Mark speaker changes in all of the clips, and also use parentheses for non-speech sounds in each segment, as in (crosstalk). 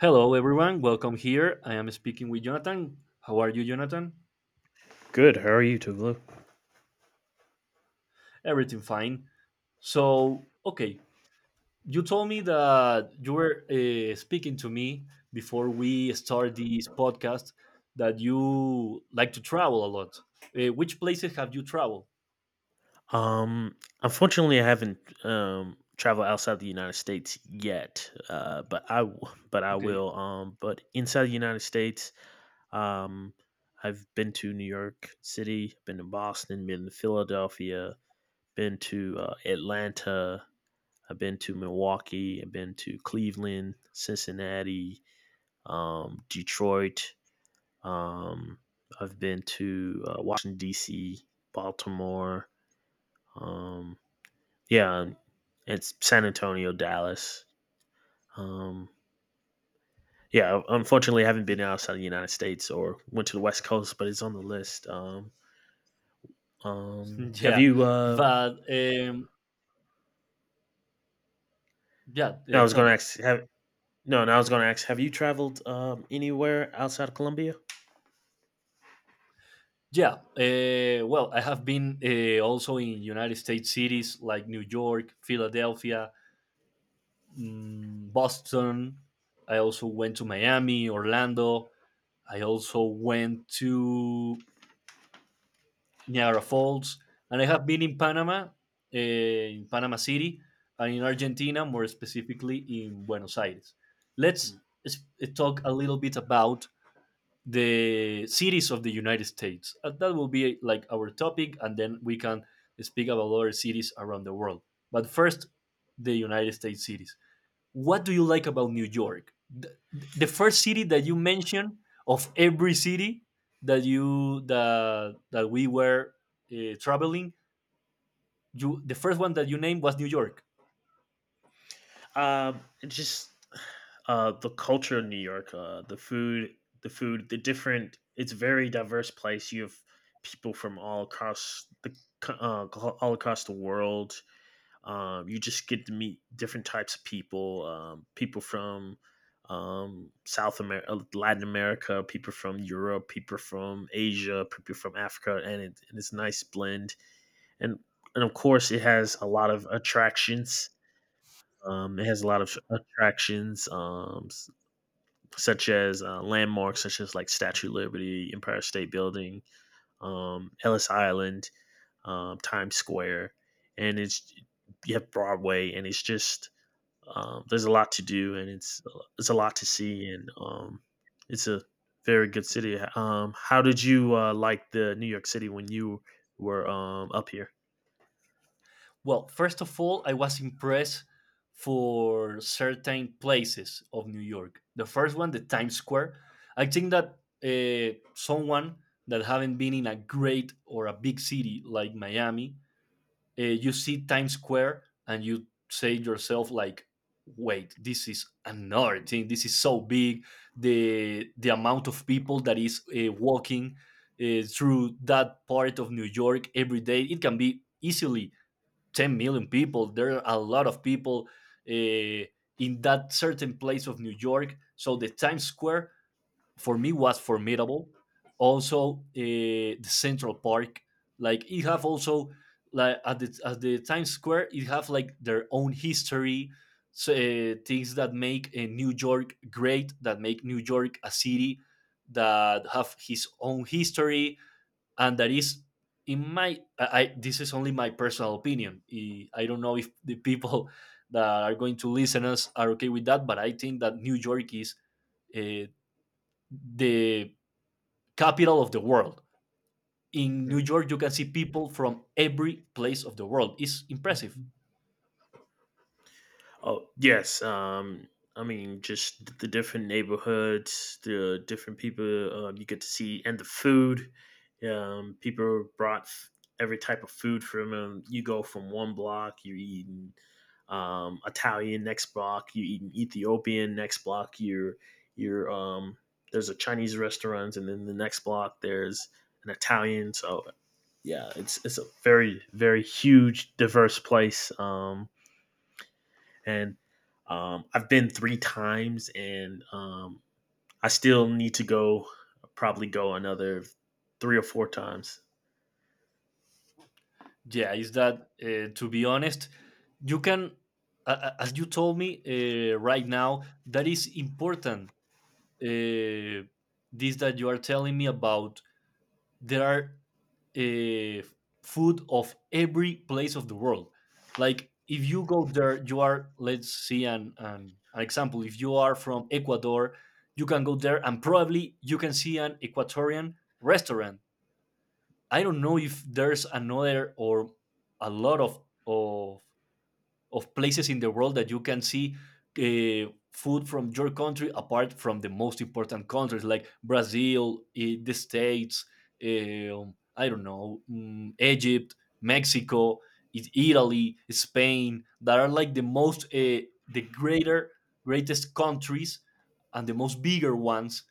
Speaker 1: Hello, everyone. Welcome here. I am speaking with Jonathan. How are you, Jonathan?
Speaker 2: Good. How are you, Tuglu?
Speaker 1: Everything fine. So, okay, you told me that you were speaking to me before we start this podcast that you like to travel a lot. Which places have you traveled?
Speaker 2: Um, Unfortunately, I haven't traveled outside the United States yet. But I
Speaker 1: Okay.
Speaker 2: will. But inside the United States, um, I've been to New York City, been to Boston, been to Philadelphia, been to Atlanta. I've been to Milwaukee. I've been to Cleveland, Cincinnati, Detroit. Um, I've been to Washington D.C., Baltimore. Um, yeah, it's San Antonio, Dallas. Um, yeah, unfortunately, I haven't been outside the United States or went to the West Coast, but it's on the list.
Speaker 1: (laughs)
Speaker 2: Have
Speaker 1: yeah.
Speaker 2: you? Uh,
Speaker 1: But, yeah,
Speaker 2: no, I was
Speaker 1: tell
Speaker 2: going to
Speaker 1: me.
Speaker 2: ask. No, no, I was going to ask. Have you traveled anywhere outside of Colombia?
Speaker 1: Yeah, well, I have been also in United States cities like New York, Philadelphia, Boston. I also went to Miami, Orlando. I also went to Niagara Falls, and I have been in Panama, in Panama City, and in Argentina, more specifically in Buenos Aires. Let's
Speaker 2: Mm.
Speaker 1: s- talk a little bit about the cities of the United States. That will be like our topic, and then we can speak about other cities around the world. But first, the United States cities, what do you like about New York? The first city that you mentioned of every city that you that we were traveling, you the first one that you named was New York.
Speaker 2: It just The culture in New York, the food, the food, the different. It's a very diverse place. You have people from all across the world. You just get to meet different types of people, people from South America, Latin America, people from Europe, people from Asia, people from Africa, and it's a nice blend. And and of course, it has a lot of attractions. It has a lot of attractions, such as landmarks, such as like Statue of Liberty, Empire State Building, Ellis Island, Times Square, and it's you have Broadway, and it's just there's a lot to do, and it's a lot to see, and it's a very good city. How did you like the New York City when you were up here?
Speaker 1: Well, first of all, I was impressed for certain places of New York. The first one, the Times Square. I think that someone that haven't been in a great or a big city like Miami, you see Times Square and you say yourself like, wait, this is another thing. This is so big. The amount of people that is walking through that part of New York every day, it can be easily 10 million people. There are a lot of people uh, in that certain place of New York. So the Times Square for me was formidable. Also, the Central Park, like it have also like at the Times Square, it have like their own history, so, things that make New York great, that make New York a city that have his own history, and that is in my I this is only my personal opinion. I don't know if the people that are going to listen us are okay with that, but I think that New York is uh, the capital of the world. In New
Speaker 2: Mm,
Speaker 1: York, you can see people from every place of the world. It's impressive.
Speaker 2: mhm. Oh yes, I mean just the different neighborhoods, the different people you get to see, and the food. People brought every type of food from them. You go from one block, you're eating Italian. Next block, you're eating Ethiopian. Next block, you're there's a Chinese restaurant, and then the next block there's an Italian. So yeah, it's a very very huge diverse place. And I've been three times, and I still need to go. Probably go another three or four times.
Speaker 1: Yeah, is that, to be honest, you can, as you told me right now, that is important. Uh, this that you are telling me about, there are uh, food of every place of the world. Like if you go there, you are, let's see, an example. If you are from Ecuador, you can go there and probably you can see an Ecuadorian restaurant. I don't know if there's another or a lot of of of places in the world that you can see food from your country apart from the most important countries like Brazil, the States, I don't know, Egypt, Mexico, Italy, Spain, that are like the most, the greater, greatest countries and the most bigger ones,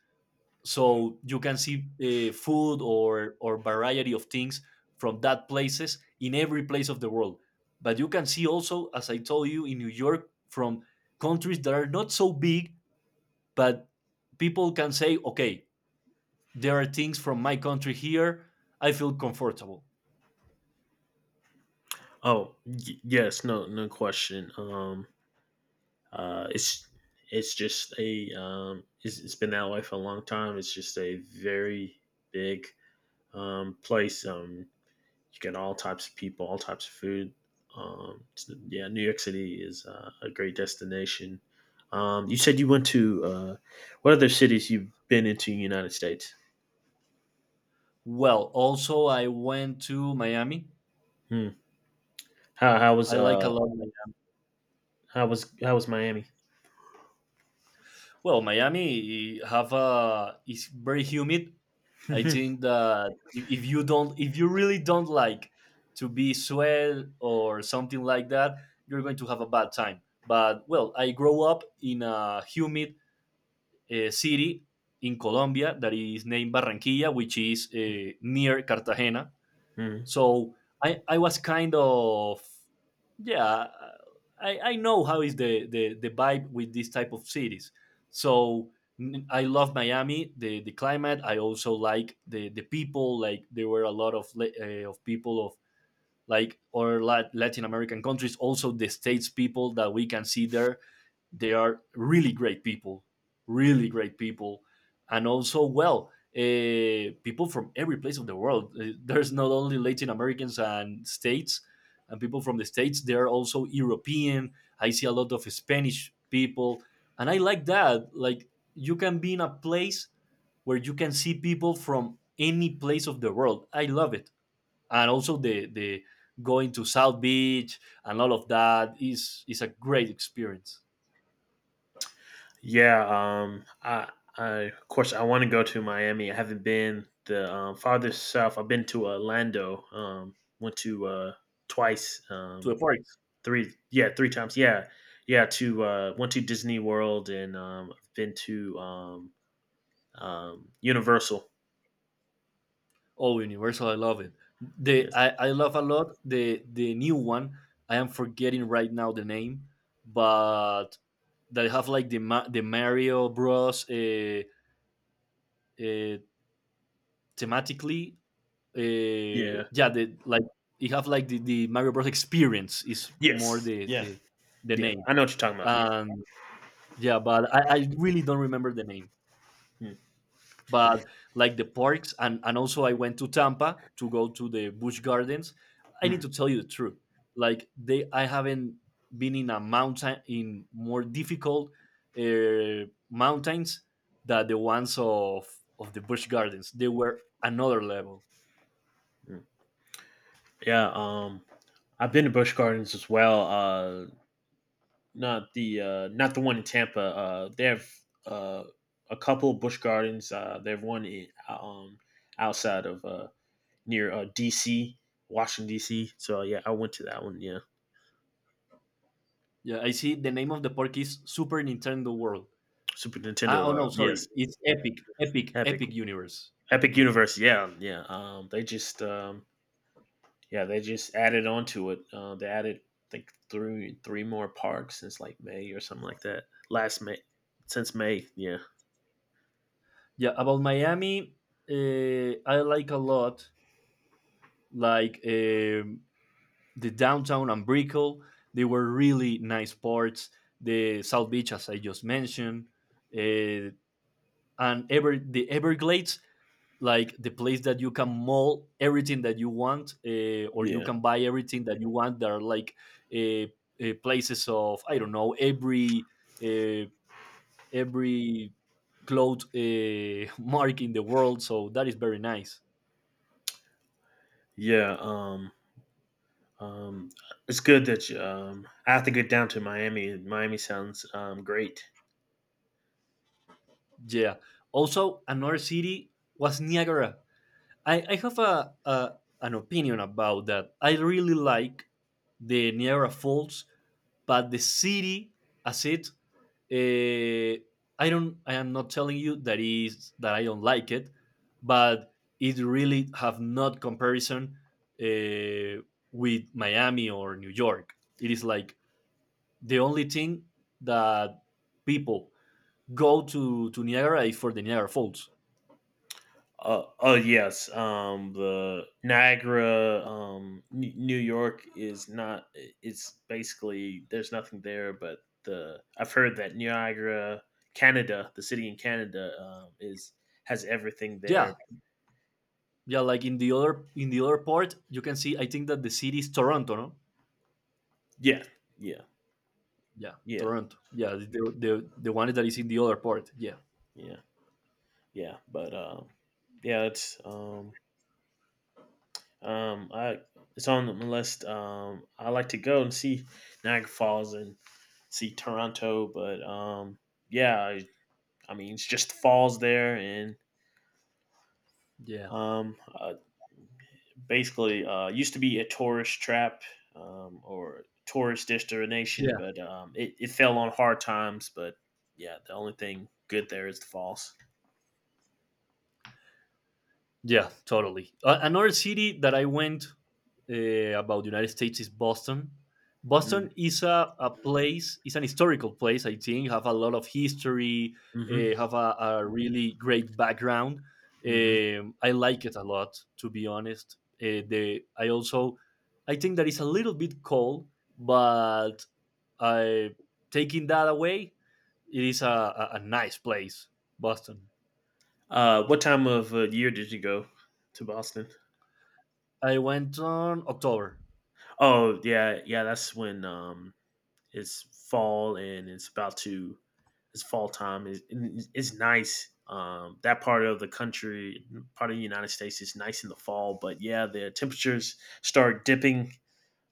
Speaker 1: so you can see food or variety of things from that places in every place of the world. But you can see also, as I told you, in New York, from countries that are not so big, but people can say, okay, there are things from my country here, I feel comfortable.
Speaker 2: Oh, yes, no, no question. Uh, it's it's been that way for a long time. It's just a very big place. You get all types of people, all types of food. So, yeah, New York City is a great destination. You said you went to What other cities you've been into in the United States?
Speaker 1: Well, also I went to Miami.
Speaker 2: Hmm. How how was
Speaker 1: I like a
Speaker 2: uh
Speaker 1: lot Miami.
Speaker 2: how was Miami? (laughs)
Speaker 1: Well, Miami, have a is very humid. I think that if you don't, if you really don't like to be swell or something like that, you're going to have a bad time. But well, I grow up in a humid city in Colombia that is named Barranquilla, which is near Cartagena.
Speaker 2: Mhm.
Speaker 1: So I was kind of, yeah, I know how is the vibe with this type of cities. So I love Miami, the climate. I also like the people. Like there were a lot of people of like or Latin American countries. Also the states people that we can see there, they are really great people, and also well. People from every place of the world. There's not only Latin Americans and states and people from the states. There are also European. I see a lot of Spanish people, and I like that. Like you can be in a place where you can see people from any place of the world. I love it, and also the going to South Beach and all of that is a great experience.
Speaker 2: Yeah, I, of course, I want to go to Miami. I haven't been the farthest south. I've been to Orlando. Went to twice.
Speaker 1: To the park.
Speaker 2: 3 yeah, 3 times. Yeah. Yeah, went to Disney World and, I've been to, Universal.
Speaker 1: Oh, Universal, I love it. The
Speaker 2: Yes.
Speaker 1: I love a lot the new one. I am forgetting right now the name, but that have like the the Mario Bros. Uh, thematically,
Speaker 2: Yeah.
Speaker 1: yeah, the like you have like the Mario Bros. Experience is more
Speaker 2: Yes.
Speaker 1: the
Speaker 2: Yeah.
Speaker 1: the the
Speaker 2: Yeah.
Speaker 1: name.
Speaker 2: I know what you're talking about.
Speaker 1: Um, yeah, but I really don't remember the name.
Speaker 2: Mm,
Speaker 1: But like the parks, and also I went to Tampa to go to the Busch Gardens. I need
Speaker 2: mm,
Speaker 1: to tell you the truth. Like I haven't been in a mountain in more difficult uh, mountains than the ones of the Busch Gardens. They were another level.
Speaker 2: mm. Yeah, I've been to Busch Gardens as well. Not the one in Tampa. They have, uh, a couple Busch Gardens. They have one in, outside of, near, DC, Washington DC. So yeah, I went to that one. Yeah.
Speaker 1: Yeah, I see. The name of the park is Super Nintendo World.
Speaker 2: Super
Speaker 1: Ah, oh
Speaker 2: Nintendo,
Speaker 1: no,
Speaker 2: yes.
Speaker 1: sorry, it's
Speaker 2: Epic,
Speaker 1: Epic
Speaker 2: Epic Universe,
Speaker 1: Universe.
Speaker 2: yeah, yeah. Yeah, they just added on to it. They added, I think, three more parks since like May or something like that. Last May, since May, yeah,
Speaker 1: Yeah, about Miami, I like a lot, like, the downtown and Brickell. They were really nice parts. The South Beach, as I just mentioned, uh, and ever the Everglades, like the place that you can mall everything that you want, or you
Speaker 2: yeah,
Speaker 1: can buy everything that you want. There are like uh, places of, I don't know, uh, every cloth, (laughs) mark in the world. So that is very nice.
Speaker 2: yeah. Um, it's good that you, I have to get down to Miami. Miami sounds great.
Speaker 1: Yeah. Also, another city was Niagara. I have a an opinion about that. I really like the Niagara Falls, but the city as it, uh, I don't. I am not telling you that is that I don't like it, but it really have not comparison uh, with Miami or New York. It is like the only thing that people go to Niagara is for the Niagara Falls.
Speaker 2: Oh yes, the Niagara, New York is not. It's basically there's nothing there, but the I've heard that Niagara, Canada, the city in Canada, is has everything there.
Speaker 1: Yeah, yeah, like in the other part, you can see. I think that the city is Toronto, no?
Speaker 2: Yeah, yeah,
Speaker 1: Yeah,
Speaker 2: yeah,
Speaker 1: Toronto. Yeah, the one that is in the other part. Yeah,
Speaker 2: yeah, yeah. But yeah, um, I it's on the list. I like to go and see Niagara Falls and see Toronto, but yeah, I mean, it just falls there and
Speaker 1: yeah,
Speaker 2: um, uh, basically used to be a tourist trap, or tourist destination,
Speaker 1: yeah.
Speaker 2: but it fell on hard times. But yeah, the only thing good there is the falls.
Speaker 1: Yeah, totally. Another city that I went about the United States is Boston.
Speaker 2: Mm.
Speaker 1: Boston is a place, it's an historical place, I think, have a lot of history,
Speaker 2: Mm-hmm.
Speaker 1: have a really great background.
Speaker 2: Hmm.
Speaker 1: I like it a lot, to be honest. I think that it's a little bit cold, but I, taking that away, it is a nice place, Boston.
Speaker 2: What time of year did you go to Boston?
Speaker 1: I went on October.
Speaker 2: Oh yeah, yeah. That's when it's fall, and it's about to it's fall time. It's nice. That part of the country, part of the United States, is nice in the fall. But yeah, the temperatures start dipping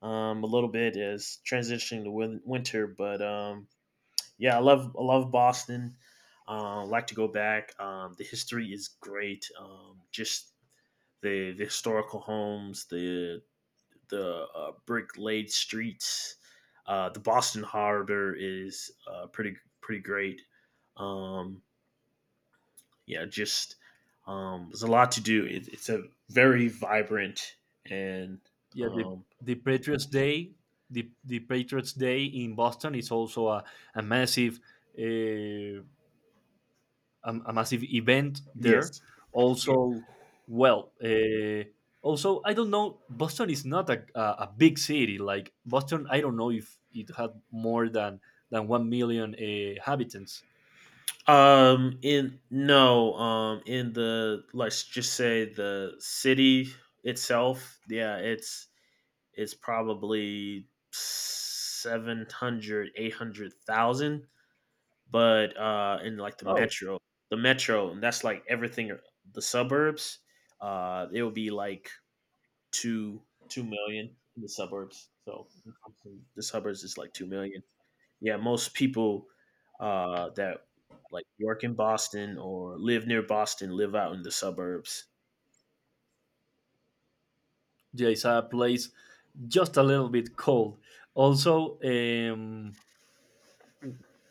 Speaker 2: a little bit as transitioning to winter. But yeah, I love Boston. Like to go back. The history is great. Just the historical homes, the brick laid streets. The Boston Harbor is pretty great. Um, yeah, just there's a lot to do. It's a very vibrant, and
Speaker 1: Yeah, the,
Speaker 2: um,
Speaker 1: the Patriots Day, the Patriots Day in Boston is also a massive uh, a massive event there.
Speaker 2: yes.
Speaker 1: Also, well, also I don't know. Boston is not a, a big city. Like Boston, I don't know if it had more than 1 million inhabitants.
Speaker 2: In No, in the let's just say the city itself. Yeah, it's probably 700, 800,000. But in, like,
Speaker 1: Oh,
Speaker 2: the metro, and that's like everything. The suburbs, it will be like two two million in the suburbs. So the suburbs is like 2 million. Yeah, most people that like work in Boston or live near Boston live out in the suburbs.
Speaker 1: yeah, it's a place just a little bit cold. Also,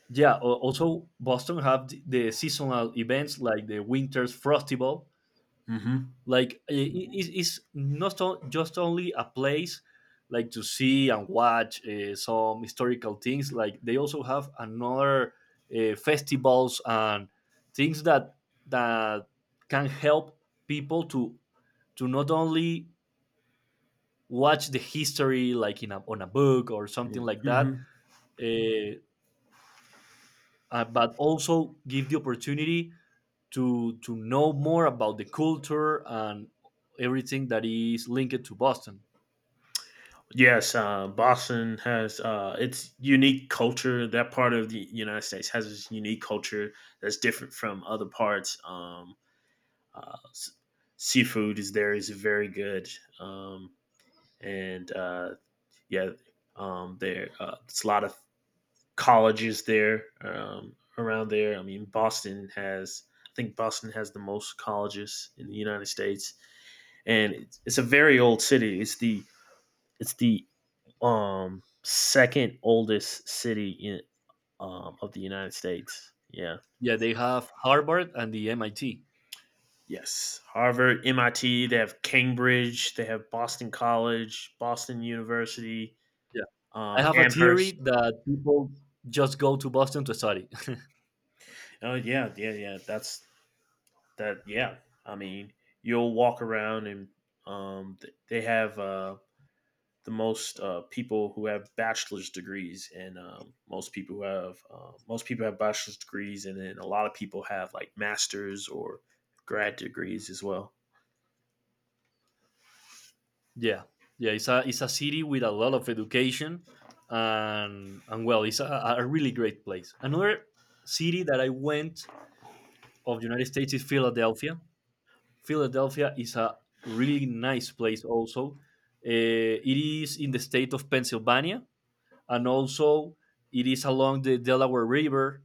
Speaker 1: yeah. Also, Boston have the seasonal events like the Winter's Festival.
Speaker 2: Hmm.
Speaker 1: Like it's not just only a place like to see and watch some historical things. Like they also have another festivals and things that that can help people to not only watch the history like in on a book or something like
Speaker 2: Hmm.
Speaker 1: that, uh, but also give the opportunity to know more about the culture and everything that is linked to Boston.
Speaker 2: Yes, Boston has its unique culture. That part of the United States has its unique culture that's different from other parts. Uh, s- Seafood is there is very good, um, and yeah, there it's a lot of colleges there, around there. I mean, Boston has I think Boston has the most colleges in the United States, and it's a very old city. It's the second oldest city in of the United States. Yeah.
Speaker 1: Yeah, they have Harvard and the MIT.
Speaker 2: Yes. Harvard, MIT, they have Cambridge, they have Boston College, Boston University,
Speaker 1: Yeah, I have a
Speaker 2: Amherst.
Speaker 1: theory that people just go to Boston to study. (laughs)
Speaker 2: Oh yeah, yeah, yeah. That's that, yeah. I mean, you'll walk around and they have the most people who have bachelor's degrees, and most people have bachelor's degrees, and then a lot of people have like masters or grad degrees as well.
Speaker 1: yeah, yeah, it's a, city with a lot of education, and well, it's a really great place. Another city that I went of the United States is Philadelphia. Philadelphia is a really nice place also. Uh, it is in the state of Pennsylvania, and also it is along the Delaware River,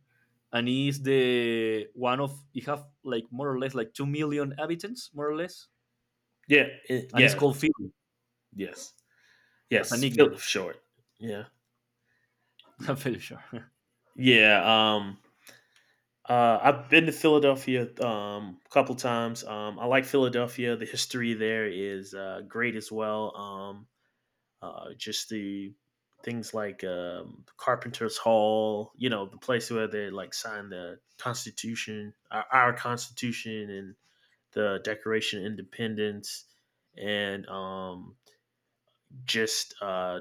Speaker 1: and it is the one of it have like more or less like 2 million inhabitants, more or less,
Speaker 2: Yeah,
Speaker 1: and it's
Speaker 2: yeah,
Speaker 1: called Philly
Speaker 2: yes,
Speaker 1: as a
Speaker 2: yes. Phil
Speaker 1: nickname.
Speaker 2: short. Yeah,
Speaker 1: (laughs)
Speaker 2: Y-
Speaker 1: I'm fairly sure.
Speaker 2: yeah. Um, I've been to Philadelphia a couple times. I like Philadelphia. The history there is great as well. Just the things like Carpenter's Hall, the place where they like signed the Constitution, our Constitution, and the Declaration of Independence, and just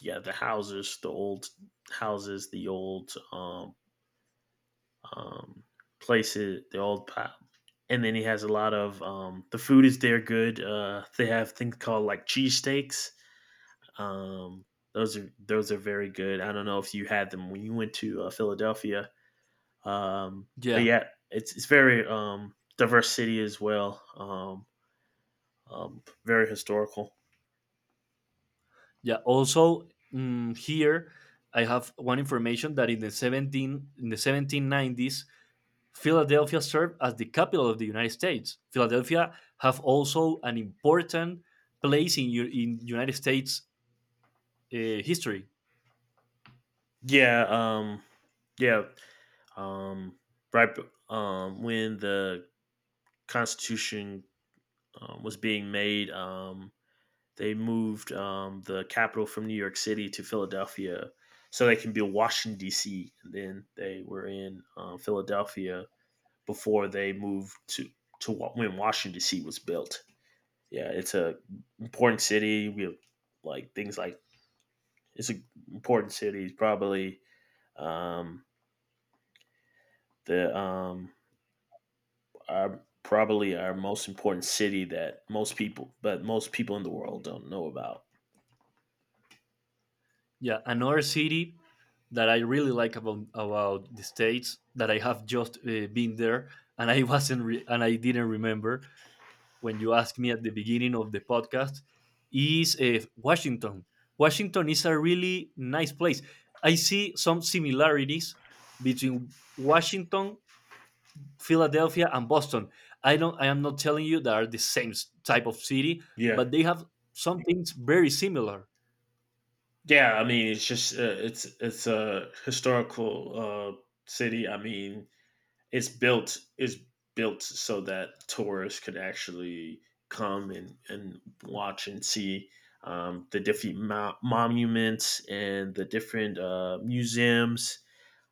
Speaker 2: yeah, the houses, the old houses, the old, um, places, the old and then he has a lot of, the food is there good. They have things called like cheesesteaks. Um, those are very good. I don't know if you had them when you went to Philadelphia, um,
Speaker 1: (laughs)
Speaker 2: but
Speaker 1: yeah,
Speaker 2: yeah, it's very diverse city as well. Very historical.
Speaker 1: yeah. Also, here, I have one information that in the 1790s, Philadelphia served as the capital of the United States. Philadelphia have also an important place in United States history.
Speaker 2: Yeah, yeah. Um, right, when the Constitution was being made, they moved the capital from New York City to Philadelphia so they can build Washington D.C. And then they were in Philadelphia before they moved to when Washington D.C. was built. Yeah, it's a important city. We have like things like it's an important city. It's probably um, the our, probably our most important city that most people, but most people in the world don't know about.
Speaker 1: Yeah, another city that I really like about the states that I have just been there, and I (laughs) wasn't re- and I didn't remember when you asked me at the beginning of the podcast is Washington. Washington is a really nice place. I see some similarities between Washington, Philadelphia, and Boston. I don't. I am not telling you they are the same type of city,
Speaker 2: Yeah,
Speaker 1: but they have some things very similar.
Speaker 2: yeah. I mean, it's a historical city. I mean, it's built so that tourists could actually come and, watch and see the different monuments and the different museums.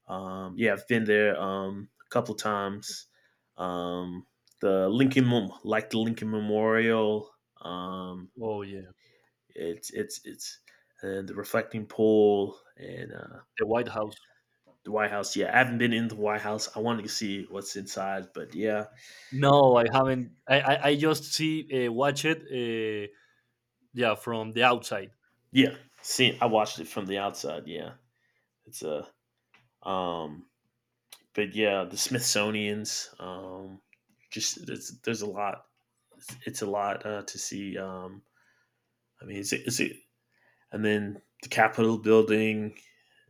Speaker 2: Yeah, I've been there a couple times. Um, the Lincoln Memorial, um,
Speaker 1: Oh yeah,
Speaker 2: it's and the reflecting pool and
Speaker 1: the White House.
Speaker 2: the White House. Yeah, I haven't been in the White House. I wanted to see what's inside, but yeah,
Speaker 1: No, I haven't. I just see watch it. Yeah, from the outside.
Speaker 2: yeah, see, I watched it from the outside. Yeah, it's a um, but yeah, the Smithsonian's, just there's a lot. It's a lot to see. I mean, is it is and then the Capitol building,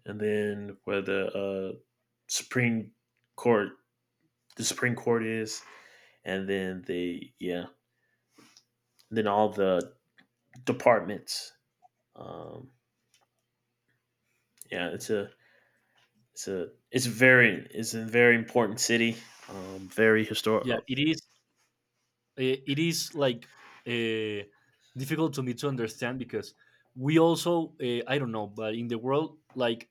Speaker 2: and then where the, uh, Supreme Court the Supreme Court is, and then the, yeah, and then all the departments. Um, yeah, it's a very important city. Very
Speaker 1: Yeah,
Speaker 2: historical.
Speaker 1: it is. It is like uh, difficult to me to understand because we also I don't know, but in the world like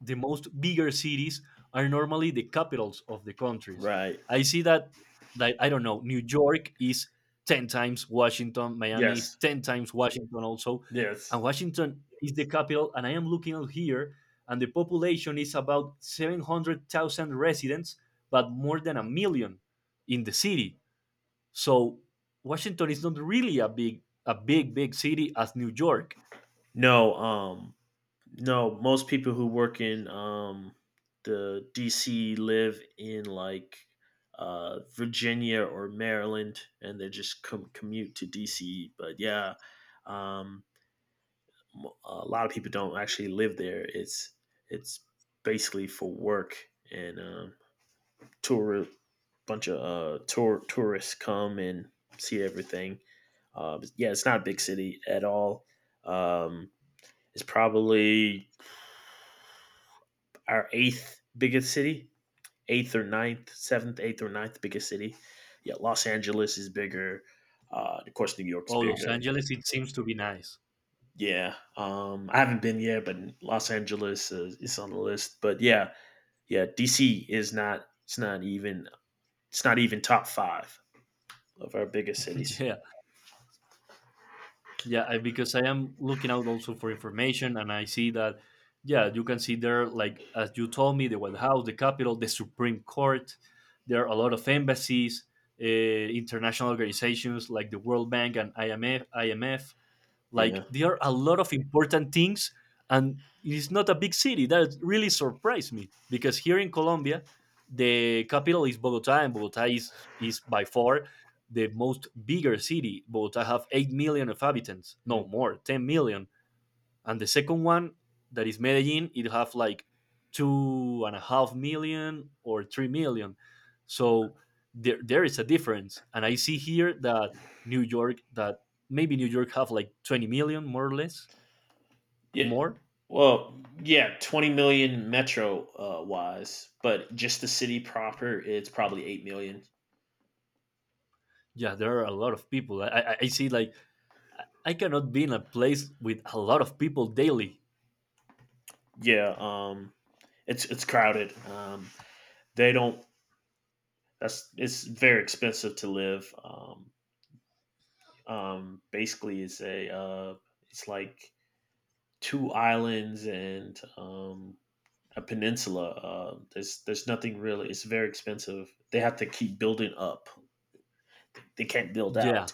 Speaker 1: the most bigger cities are normally the capitals of the countries.
Speaker 2: Right.
Speaker 1: I see that, like, I don't know, New York is 10 times Washington, Miami is
Speaker 2: Yes.
Speaker 1: 10 times Washington also,
Speaker 2: Yes.
Speaker 1: and Washington is the capital. And I am looking out here, and the population is about 700,000 residents, but more than a million in the city. So Washington is not really a big, big city as New York,
Speaker 2: No. No. Most people who work in the DC live in like, Virginia or Maryland, and they just commute to DC. But yeah, um, a lot of people don't actually live there. It's basically for work and, tour bunch of tourists come and see everything. Yeah, it's not a big city at all. Um, it's probably our eighth biggest city, eighth or ninth, seventh, eighth or ninth biggest city. Yeah, Los Angeles is bigger. Of course, New York's
Speaker 1: or Los
Speaker 2: bigger.
Speaker 1: Angeles, it seems to be nice.
Speaker 2: Yeah, I haven't been yet, but Los Angeles is on the list. But yeah, yeah, DC is not. It's not even top five of our biggest
Speaker 1: (laughs)
Speaker 2: cities.
Speaker 1: yeah. Yeah, I, because I am looking out also for information, and I see that, yeah, you can see there, like as you told me, the White House, the Capitol, the Supreme Court. There are a lot of embassies, international organizations like the World Bank and IMF. IMF. Like
Speaker 2: Yeah.
Speaker 1: there are a lot of important things, and it's not a big city. That really surprised me because here in Colombia, the capital is Bogota, and Bogota is by far the most bigger city. Bogota have 8 million of inhabitants, no, more, 10 million, and the second one that is Medellin, it have like two and a half million or 3 million. So there is a difference, and I see here that New York that maybe New York have like 20 million more or less
Speaker 2: Yeah.
Speaker 1: more.
Speaker 2: Well, yeah, 20 million metro, wise, but just the city proper, it's probably 8 million.
Speaker 1: Yeah, there are a lot of people. I see like I cannot be in a place with a lot of people daily.
Speaker 2: Yeah. It's crowded. They don't, that's, it's very expensive to live. Basically it's a, it's like two islands and, a peninsula. There's nothing really, it's very expensive. They have to keep building up. They can't build
Speaker 1: Yeah,
Speaker 2: out.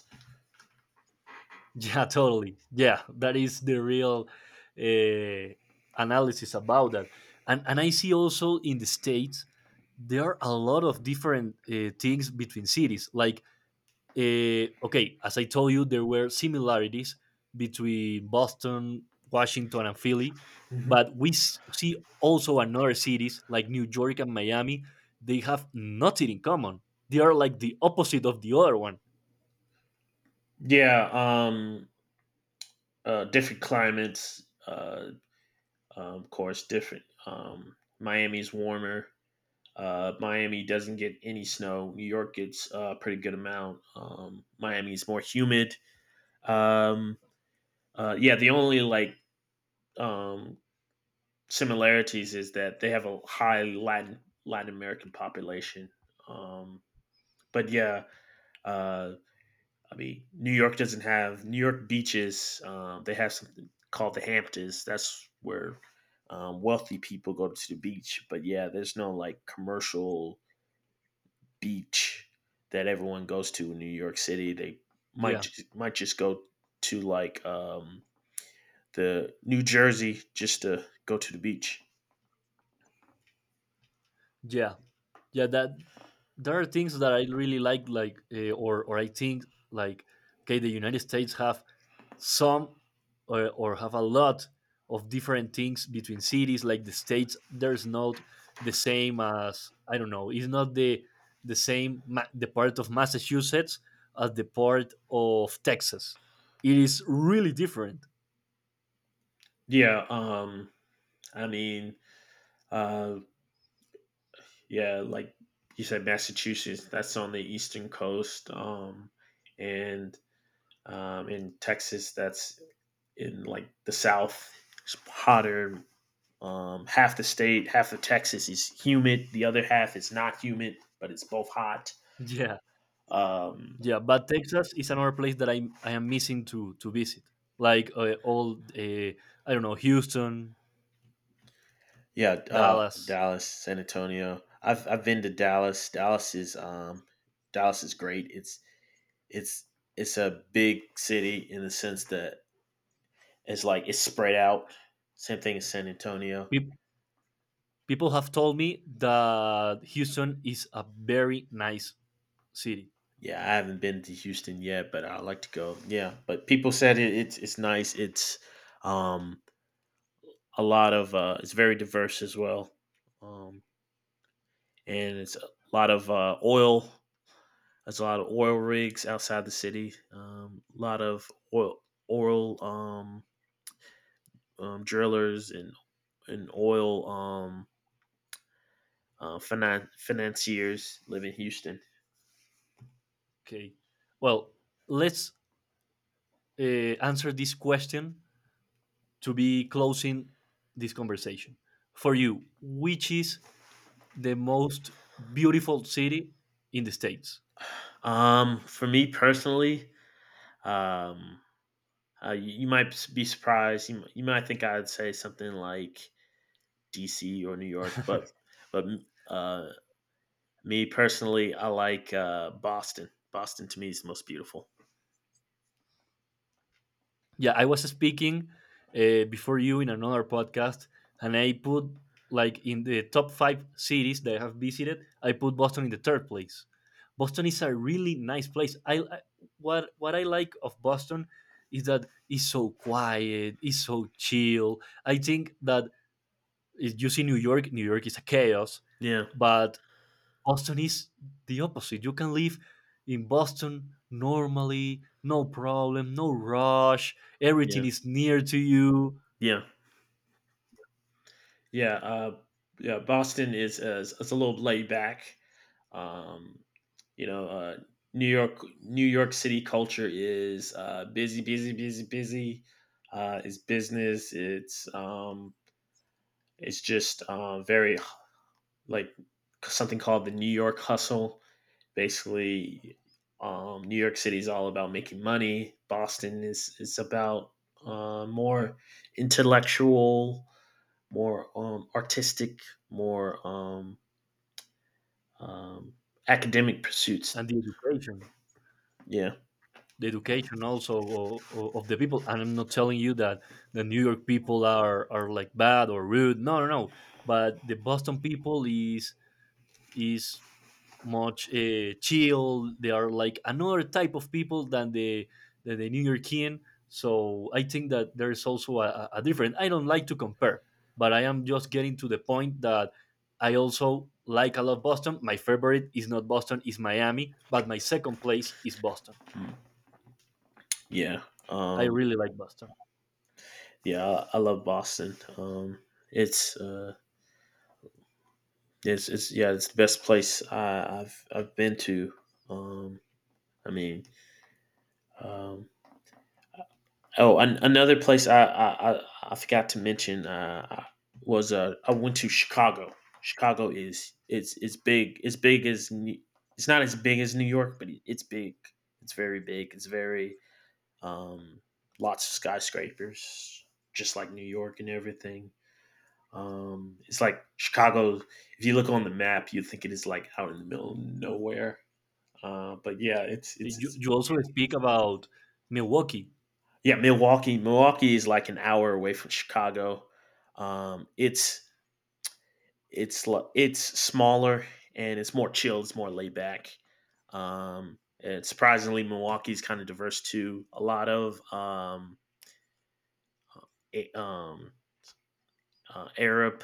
Speaker 1: Yeah, (laughs) totally. Yeah, that is the real uh, analysis about that. And I see also in the states there are a lot of different things between cities. Like okay, as I told you, there were similarities between Boston, Washington, and Philly,
Speaker 2: Mm-hmm.
Speaker 1: but we see also another cities like New York and Miami. They have nothing in common. They are like the opposite of the other one.
Speaker 2: Yeah, um, different climates, of course, different. Miami's warmer. Miami doesn't get any snow. New York gets a pretty good amount. Miami's more humid. Um, yeah, the only like um, similarities is that they have a high Latin American population. Um, but yeah, uh, I mean, New York doesn't have New York beaches. They have something called the Hamptons. That's where wealthy people go to the beach. But yeah, there's no like commercial beach that everyone goes to in New York City. They might
Speaker 1: Yeah,
Speaker 2: just might just go to like the New Jersey just to go to the beach.
Speaker 1: yeah, yeah. That there are things that I really like or I think like okay, the United States have some or have a lot of different things between cities. Like the states, there's not the same as I don't know. It's not the the part of Massachusetts as the part of Texas. It is really different.
Speaker 2: Yeah. I mean, uh, yeah, like you said, Massachusetts. That's on the eastern coast. And In Texas, that's in like the South. It's hotter. Half the state, half of Texas is humid. The other half is not humid, but it's both hot.
Speaker 1: (laughs) Yeah,
Speaker 2: Um,
Speaker 1: yeah. But Texas is another place that I am missing to visit. Like all I don't know, Houston,
Speaker 2: yeah,
Speaker 1: Dallas.
Speaker 2: Dallas, San Antonio. I've been to Dallas. Dallas is great. It's it's a big city in the sense that it's like it's spread out. Same thing as San Antonio.
Speaker 1: Pe- People have told me that Houston is a very nice city.
Speaker 2: Yeah, I haven't been to Houston yet, but I'd like to go. Yeah, but people said it, it's nice. It's um a lot of it's very diverse as well. Um and it's a lot of oil. There's a lot of oil rigs outside the city. A lot of oil oil drillers and oil financiers live in Houston.
Speaker 1: Okay. Well, let's uh, answer this question to be closing this conversation. For you, which is the most beautiful city in the States?
Speaker 2: For me personally, um you might be surprised. You might think I'd say something like DC or New York, but
Speaker 1: (laughs)
Speaker 2: but uh, me personally, I like Boston. Boston to me is the most beautiful.
Speaker 1: Yeah, I was speaking before you in another podcast, and I put like in the top five cities that I have visited, I put Boston in the third place. Boston is a really nice place. What I like of Boston is that it's so quiet, it's so chill. I think that if you see New York, New York is a chaos,
Speaker 2: Yeah,
Speaker 1: but Boston is the opposite. You can live in Boston normally, no problem, no rush. Everything
Speaker 2: yeah,
Speaker 1: is near to you,
Speaker 2: yeah, yeah. Yeah, Boston is a little laid back. Um, you know, New York New York City culture is busy, busy, busy, busy. It's business. It's just very like something called the New York Hustle. Basically, New York City is all about making money. Boston is about more intellectual, more artistic, more um, academic pursuits.
Speaker 1: and
Speaker 2: Yeah,
Speaker 1: the education also of the people. And I'm not telling you that the New York people are like bad or rude. No, no, no. But the Boston people is much chill. They are like another type of people than the New Yorkian. So I think that there is also a different. I don't like to compare, but I am just getting to the point that I also like a lot Boston. My favorite is not Boston, is Miami, but my second place is Boston.
Speaker 2: yeah,
Speaker 1: I
Speaker 2: um,
Speaker 1: really like Boston.
Speaker 2: yeah. I love Boston. It's uh, it's yeah, it's the best place I've been to. Um, I mean, um, oh, another place I forgot to mention was I went to Chicago. Chicago is it's big. It's big as it's not as big as New York, but it's big. It's very big. It's very um, Lots of skyscrapers, just like New York and everything. It's like Chicago. If you look on the map, you think it is like out in the middle of nowhere. But yeah, it's
Speaker 1: Hey, You,
Speaker 2: it's
Speaker 1: you also speak about Milwaukee.
Speaker 2: Yeah, Milwaukee. Milwaukee is like an hour away from Chicago. It's it's smaller and it's more chilled. It's more laid back. And surprisingly, Milwaukee's kind of diverse too. A lot of a, um, Arab,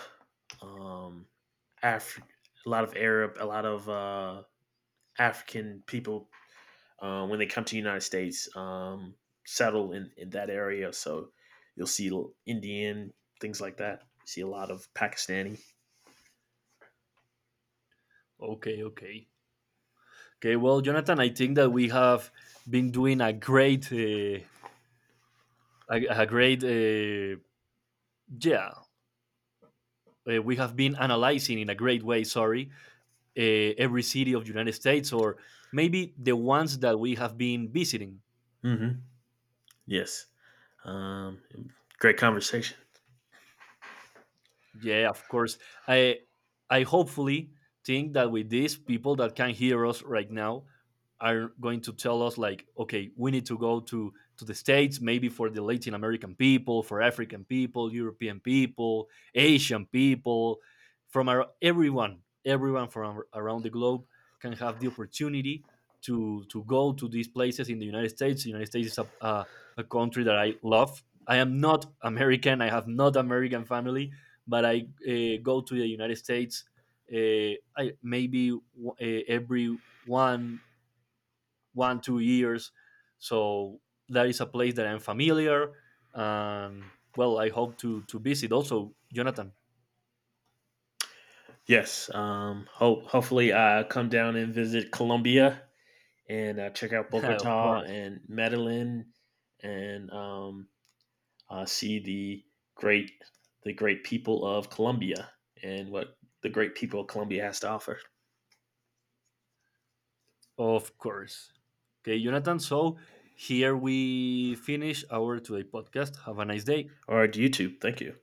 Speaker 2: um, Af- a lot of Arab, a lot of African people when they come to the United States, settle in that area. So you'll see Indian things like that. You see a lot of Pakistani.
Speaker 1: Okay, okay. Okay, well, Jonathan, I think that we have been doing a great yeah we have been analyzing in a great way, sorry, uh, every city of the United States, or maybe the ones that we have been visiting.
Speaker 2: Mm-hmm. Yes. Um, great conversation.
Speaker 1: Yeah, of course. I I hopefully think that with this, people that can hear us right now are going to tell us like, okay, we need to go to the states, maybe for the Latin American people, for African people, European people, Asian people, from our everyone, everyone from around the globe, can have the opportunity to go to these places in the United States. The United States is a country that I love. I am not American. I have not American family, but I go to the United States I, maybe every one one two years. So that is a place that I'm familiar, and well, I hope to visit also, Jonathan.
Speaker 2: Yes. Hopefully I come down and visit Colombia and check out
Speaker 1: (laughs) Of
Speaker 2: Bogota
Speaker 1: course,
Speaker 2: and Medellin and see great the great people of Colombia and what the great people of Colombia has to offer.
Speaker 1: of course. Okay, Jonathan. So here we finish our today podcast. Have a nice day.
Speaker 2: All right, YouTube. Thank you.